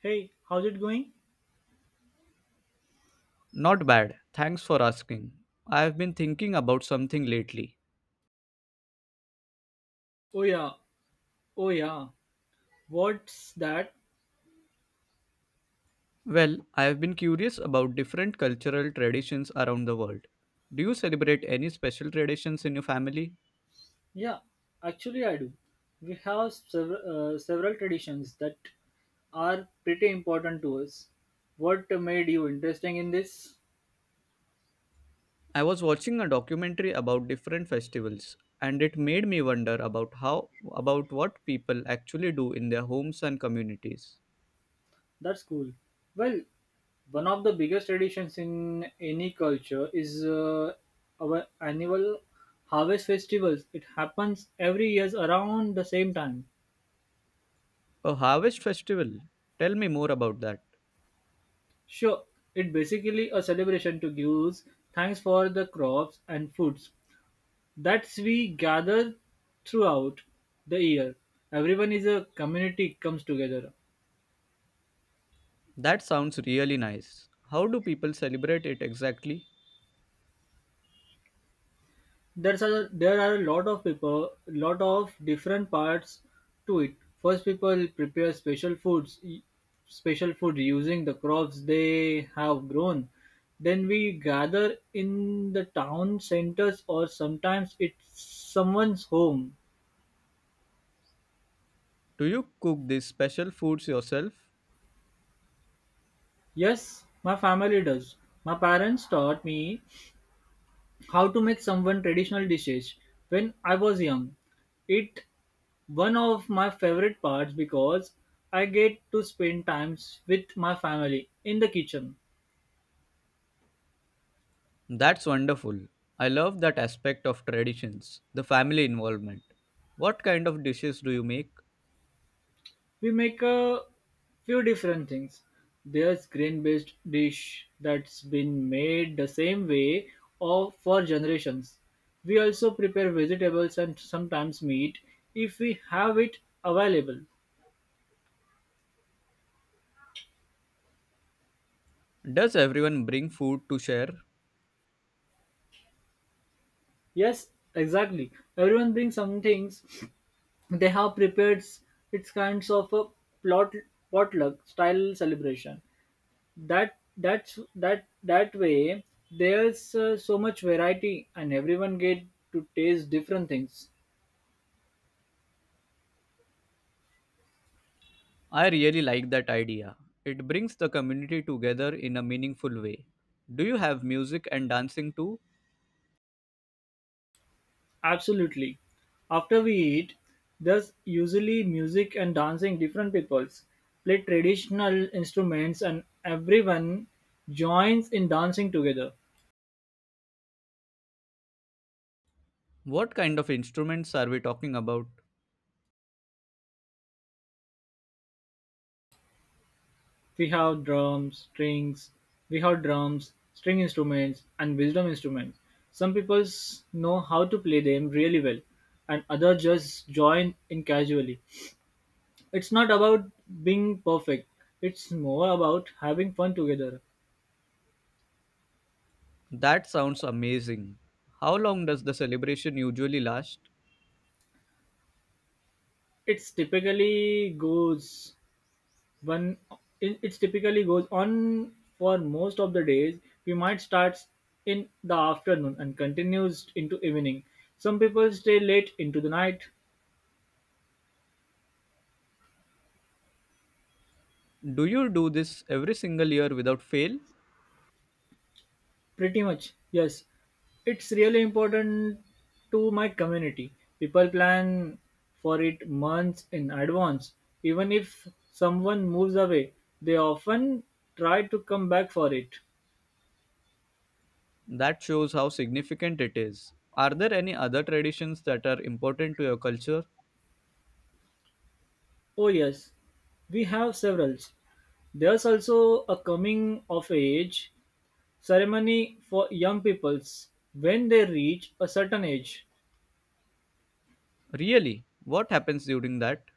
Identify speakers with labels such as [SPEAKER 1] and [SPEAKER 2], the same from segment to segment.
[SPEAKER 1] Hey, how's it going?
[SPEAKER 2] Not bad, thanks for asking. I have been thinking about something lately.
[SPEAKER 1] Oh yeah, oh yeah. What's that?
[SPEAKER 2] Well, I have been curious about different cultural traditions around the world. Do you celebrate any special traditions in your family?
[SPEAKER 1] Yeah, actually I do. We have several, several traditions that are pretty important to us. What made you interesting in this?
[SPEAKER 2] I was watching a documentary about different festivals and it made me wonder about how about what people actually do in their homes and communities.
[SPEAKER 1] That's cool. Well, one of the biggest traditions in any culture is our annual harvest festivals. It happens every year around the same time.
[SPEAKER 2] A harvest festival? Tell me more about that.
[SPEAKER 1] Sure, it basically a celebration to give thanks for the crops and foods that we gather throughout the year. Everyone is a community comes together.
[SPEAKER 2] That sounds really nice. How do people celebrate it exactly?
[SPEAKER 1] There are a lot of people, lot of different parts to it. First, people prepare special foods, special food using the crops they have grown. Then we gather in the town centers or sometimes it's someone's home.
[SPEAKER 2] Do you cook these special foods yourself?
[SPEAKER 1] Yes, my family does. My parents taught me how to make some traditional dishes when I was young. It one of my favorite parts because I get to spend times with my family in the kitchen.
[SPEAKER 2] That's wonderful. I love that aspect of traditions, the family involvement. What kind of dishes do you make?
[SPEAKER 1] We make a few different things. There's grain-based dish that's been made the same way or for generations. We also prepare vegetables and sometimes meat if we have it available.
[SPEAKER 2] Does everyone bring food to share?
[SPEAKER 1] Yes, exactly. Everyone brings some things they have prepared. It's kinds of a plot potluck style celebration. That that's that that way there's so much variety and everyone get to taste different things.
[SPEAKER 2] I really like that idea. It brings the community together in a meaningful way. Do you have music and dancing too?
[SPEAKER 1] Absolutely. After we eat, there's usually music and dancing. Different peoples play traditional instruments and everyone joins in dancing together.
[SPEAKER 2] What kind of instruments are we talking about?
[SPEAKER 1] We have drums, strings we have drums, string instruments and wisdom instruments. Some people know how to play them really well and others just join in casually. It's not about being perfect. It's more about having fun together.
[SPEAKER 2] That sounds amazing. How long does the celebration usually last?
[SPEAKER 1] It's typically goes one it's typically goes on for most of the days. We might start in the afternoon and continues into evening. Some people stay late into the night.
[SPEAKER 2] Do you do this every single year without fail?
[SPEAKER 1] Pretty much, yes. It's really important to my community. People plan for it months in advance. Even if someone moves away, they often try to come back for it.
[SPEAKER 2] That shows how significant it is. Are there any other traditions that are important to your culture?
[SPEAKER 1] Oh, yes, we have several. There's also a coming of age ceremony for young peoples when they reach a certain age.
[SPEAKER 2] Really? What happens during that?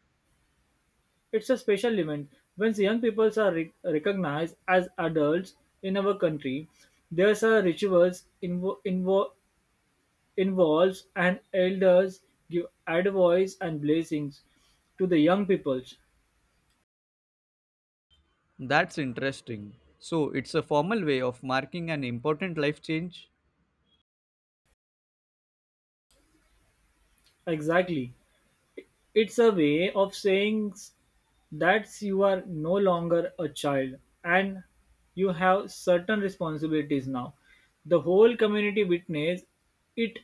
[SPEAKER 1] It's a special event. Once young people are recognized as adults in our country, there's a rituals involves and elders give advice and blessings to the young peoples.
[SPEAKER 2] That's interesting. So, it's a formal way of marking an important life change?
[SPEAKER 1] Exactly. It's a way of saying that you are no longer a child and you have certain responsibilities now. The whole community witness it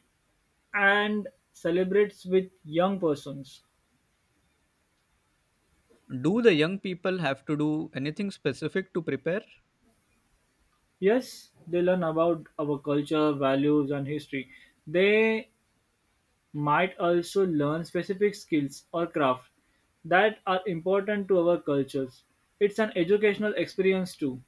[SPEAKER 1] and celebrates with young persons.
[SPEAKER 2] Do the young people have to do anything specific to prepare?
[SPEAKER 1] Yes, they learn about our culture, values, and history. They might also learn specific skills or craft that are important to our cultures. It's an educational experience too.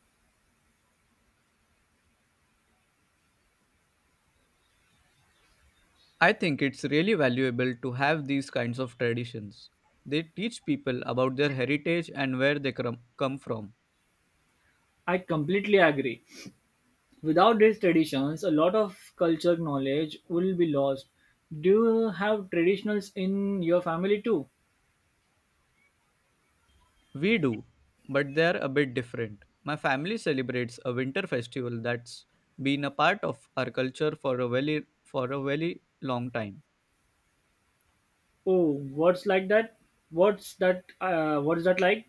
[SPEAKER 2] I think it's really valuable to have these kinds of traditions. They teach people about their heritage and where they come from.
[SPEAKER 1] I completely agree. Without these traditions, a lot of culture knowledge will be lost. Do you have traditionals in your family too?
[SPEAKER 2] We do, but they're a bit different. My family celebrates a winter festival that's been a part of our culture for a very long time.
[SPEAKER 1] Oh, what's like that? What's that? What's that like?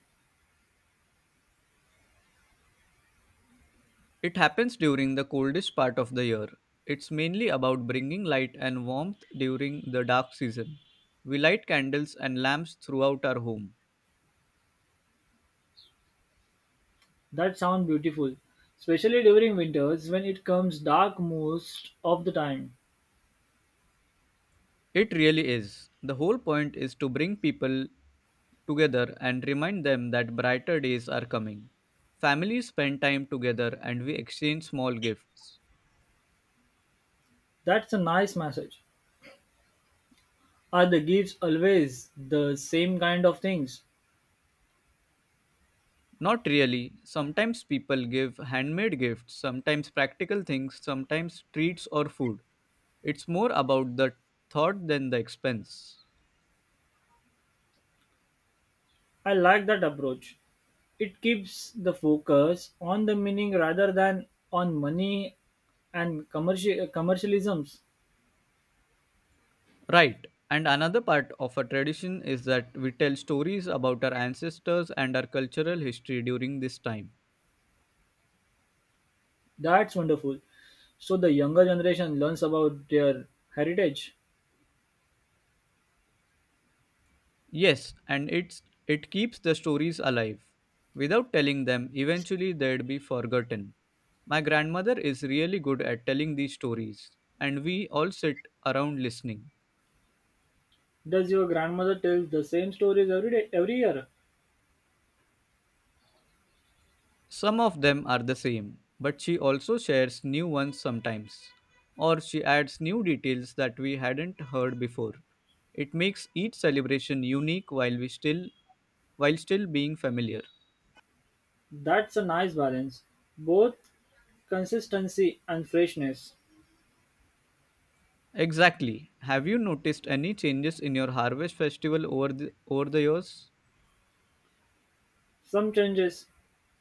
[SPEAKER 2] It happens during the coldest part of the year. It's mainly about bringing light and warmth during the dark season. We light candles and lamps throughout our home.
[SPEAKER 1] That sounds beautiful, especially during winters when it comes dark most of the time.
[SPEAKER 2] It really is. The whole point is to bring people together and remind them that brighter days are coming. Families spend time together and we exchange small gifts.
[SPEAKER 1] That's a nice message. Are the gifts always the same kind of things?
[SPEAKER 2] Not really. Sometimes people give handmade gifts, sometimes practical things, sometimes treats or food. It's more about the thought than the expense.
[SPEAKER 1] I like that approach. It keeps the focus on the meaning rather than on money and commercialisms.
[SPEAKER 2] Right. And another part of a tradition is that we tell stories about our ancestors and our cultural history during this time.
[SPEAKER 1] That's wonderful. So the younger generation learns about their heritage.
[SPEAKER 2] Yes, and it keeps the stories alive. Without telling them, eventually they'd be forgotten. My grandmother is really good at telling these stories, and we all sit around listening.
[SPEAKER 1] Does your grandmother tell the same stories every day, every year?
[SPEAKER 2] Some of them are the same, but she also shares new ones sometimes, or she adds new details that we hadn't heard before. It makes each celebration unique while still being familiar.
[SPEAKER 1] That's a nice balance, both consistency and freshness.
[SPEAKER 2] Exactly. Have you noticed any changes in your harvest festival over the years?
[SPEAKER 1] Some changes,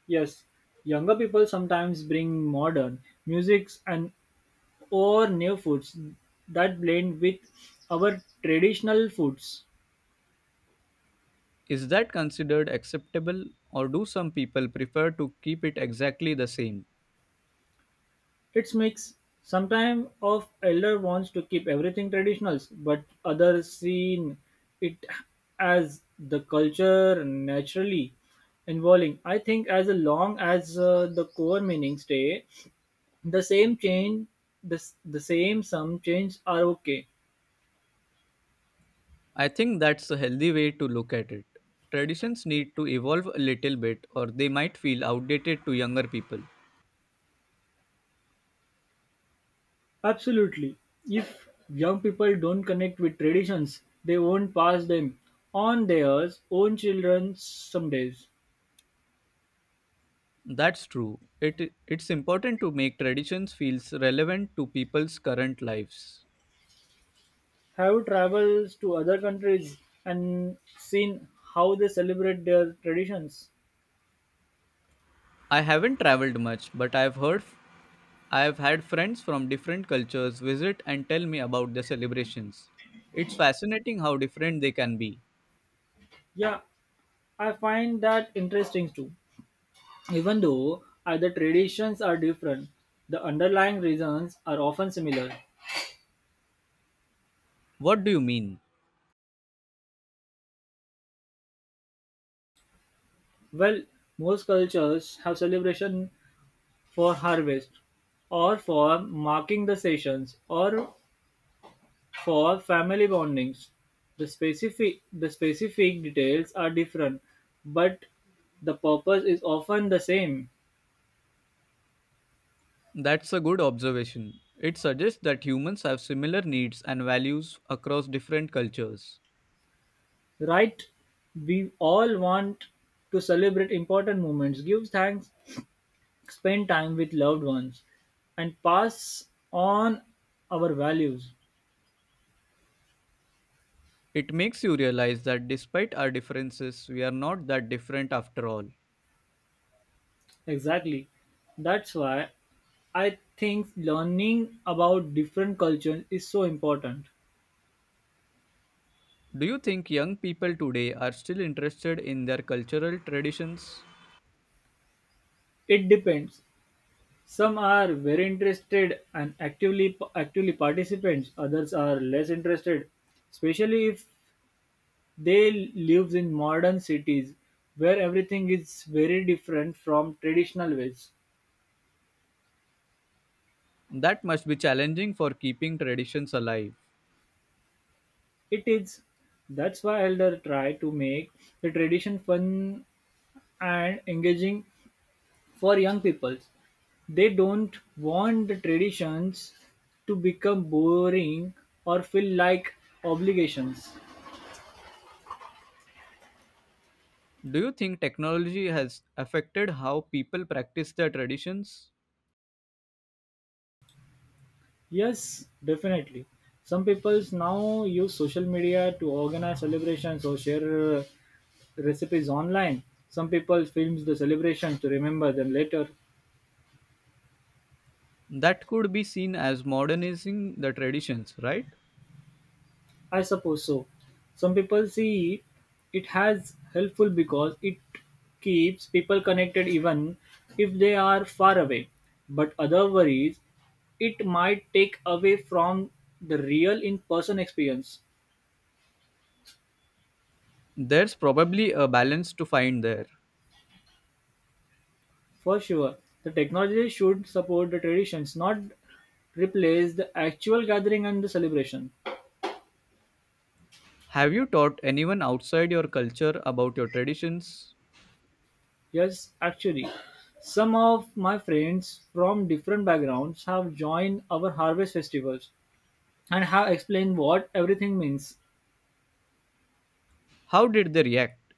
[SPEAKER 1] yes. Younger people sometimes bring modern musics and or new foods that blend with our traditional foods.
[SPEAKER 2] Is that considered acceptable or do some people prefer to keep it exactly the same?
[SPEAKER 1] It's mix. Sometimes of elder wants to keep everything traditional, but others seen it as the culture naturally evolving. I think as long as the core meanings stay the same, the same some change are okay.
[SPEAKER 2] I think that's a healthy way to look at it. Traditions need to evolve a little bit or they might feel outdated to younger people.
[SPEAKER 1] Absolutely. If young people don't connect with traditions, they won't pass them on their own children some days.
[SPEAKER 2] That's true. It's important to make traditions feels relevant to people's current lives.
[SPEAKER 1] Have you traveled to other countries and seen how they celebrate their traditions?
[SPEAKER 2] I haven't traveled much, but I have had friends from different cultures visit and tell me about their celebrations. It's fascinating how different they can be.
[SPEAKER 1] Yeah, I find that interesting too. Even though other traditions are different, the underlying reasons are often similar.
[SPEAKER 2] What do you mean?
[SPEAKER 1] Well, most cultures have celebration for harvest, or for marking the sessions, or for family bondings. The specific details are different, but the purpose is often the same.
[SPEAKER 2] That's a good observation. It suggests that humans have similar needs and values across different cultures.
[SPEAKER 1] Right, we all want to celebrate important moments, give thanks, spend time with loved ones, and pass on our values.
[SPEAKER 2] It makes you realize that despite our differences, we are not that different after all.
[SPEAKER 1] Exactly. That's why I think learning about different cultures is so important.
[SPEAKER 2] Do you think young people today are still interested in their cultural traditions?
[SPEAKER 1] It depends. Some are very interested and actively participants. Others are less interested, especially if they live in modern cities where everything is very different from traditional ways.
[SPEAKER 2] That must be challenging for keeping traditions alive.
[SPEAKER 1] It is that's why elder try to make the tradition fun and engaging for young people. They don't want the traditions to become boring or feel like obligations.
[SPEAKER 2] Do you think technology has affected how people practice their traditions?
[SPEAKER 1] Yes, definitely. Some people now use social media to organize celebrations or share recipes online. Some people films the celebrations to remember them later.
[SPEAKER 2] That could be seen as modernizing the traditions, right?
[SPEAKER 1] I suppose so. Some people see it has helpful because it keeps people connected even if they are far away. But other worries, it might take away from the real in-person experience.
[SPEAKER 2] There's probably a balance to find there.
[SPEAKER 1] For sure, the technology should support the traditions, not replace the actual gathering and the celebration.
[SPEAKER 2] Have you taught anyone outside your culture about your traditions?
[SPEAKER 1] Yes, actually, some of my friends from different backgrounds have joined our harvest festivals and have explained what everything means.
[SPEAKER 2] How did they react?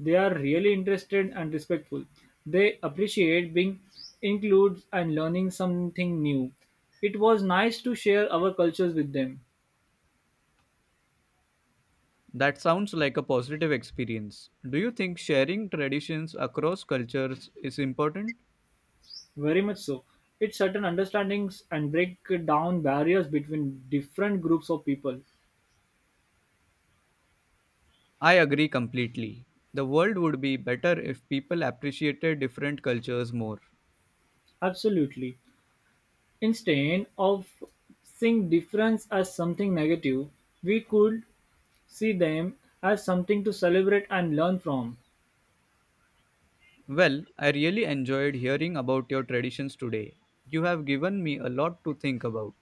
[SPEAKER 1] They are really interested and respectful. They appreciate being included and learning something new. It was nice to share our cultures with them.
[SPEAKER 2] That sounds like a positive experience. Do you think sharing traditions across cultures is important?
[SPEAKER 1] Very much so. It's certain understandings and break down barriers between different groups of people.
[SPEAKER 2] I agree completely. The world would be better if people appreciated different cultures more.
[SPEAKER 1] Absolutely. Instead of seeing difference as something negative, we could see them as something to celebrate and learn from.
[SPEAKER 2] Well, I really enjoyed hearing about your traditions today. You have given me a lot to think about.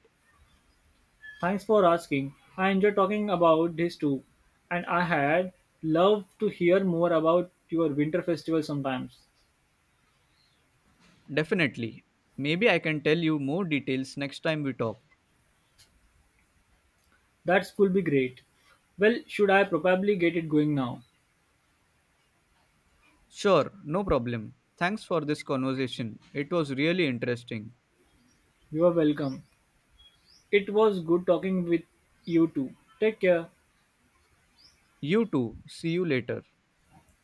[SPEAKER 1] Thanks for asking. I enjoy talking about this too. And I had love to hear more about your winter festival sometimes.
[SPEAKER 2] Definitely. Maybe I can tell you more details next time we talk.
[SPEAKER 1] That could be great. Well, should I probably get it going now?
[SPEAKER 2] Sure, no problem. Thanks for this conversation. It was really interesting.
[SPEAKER 1] You are welcome. It was good talking with you too. Take care.
[SPEAKER 2] You too. See you later.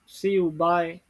[SPEAKER 1] See you. Bye.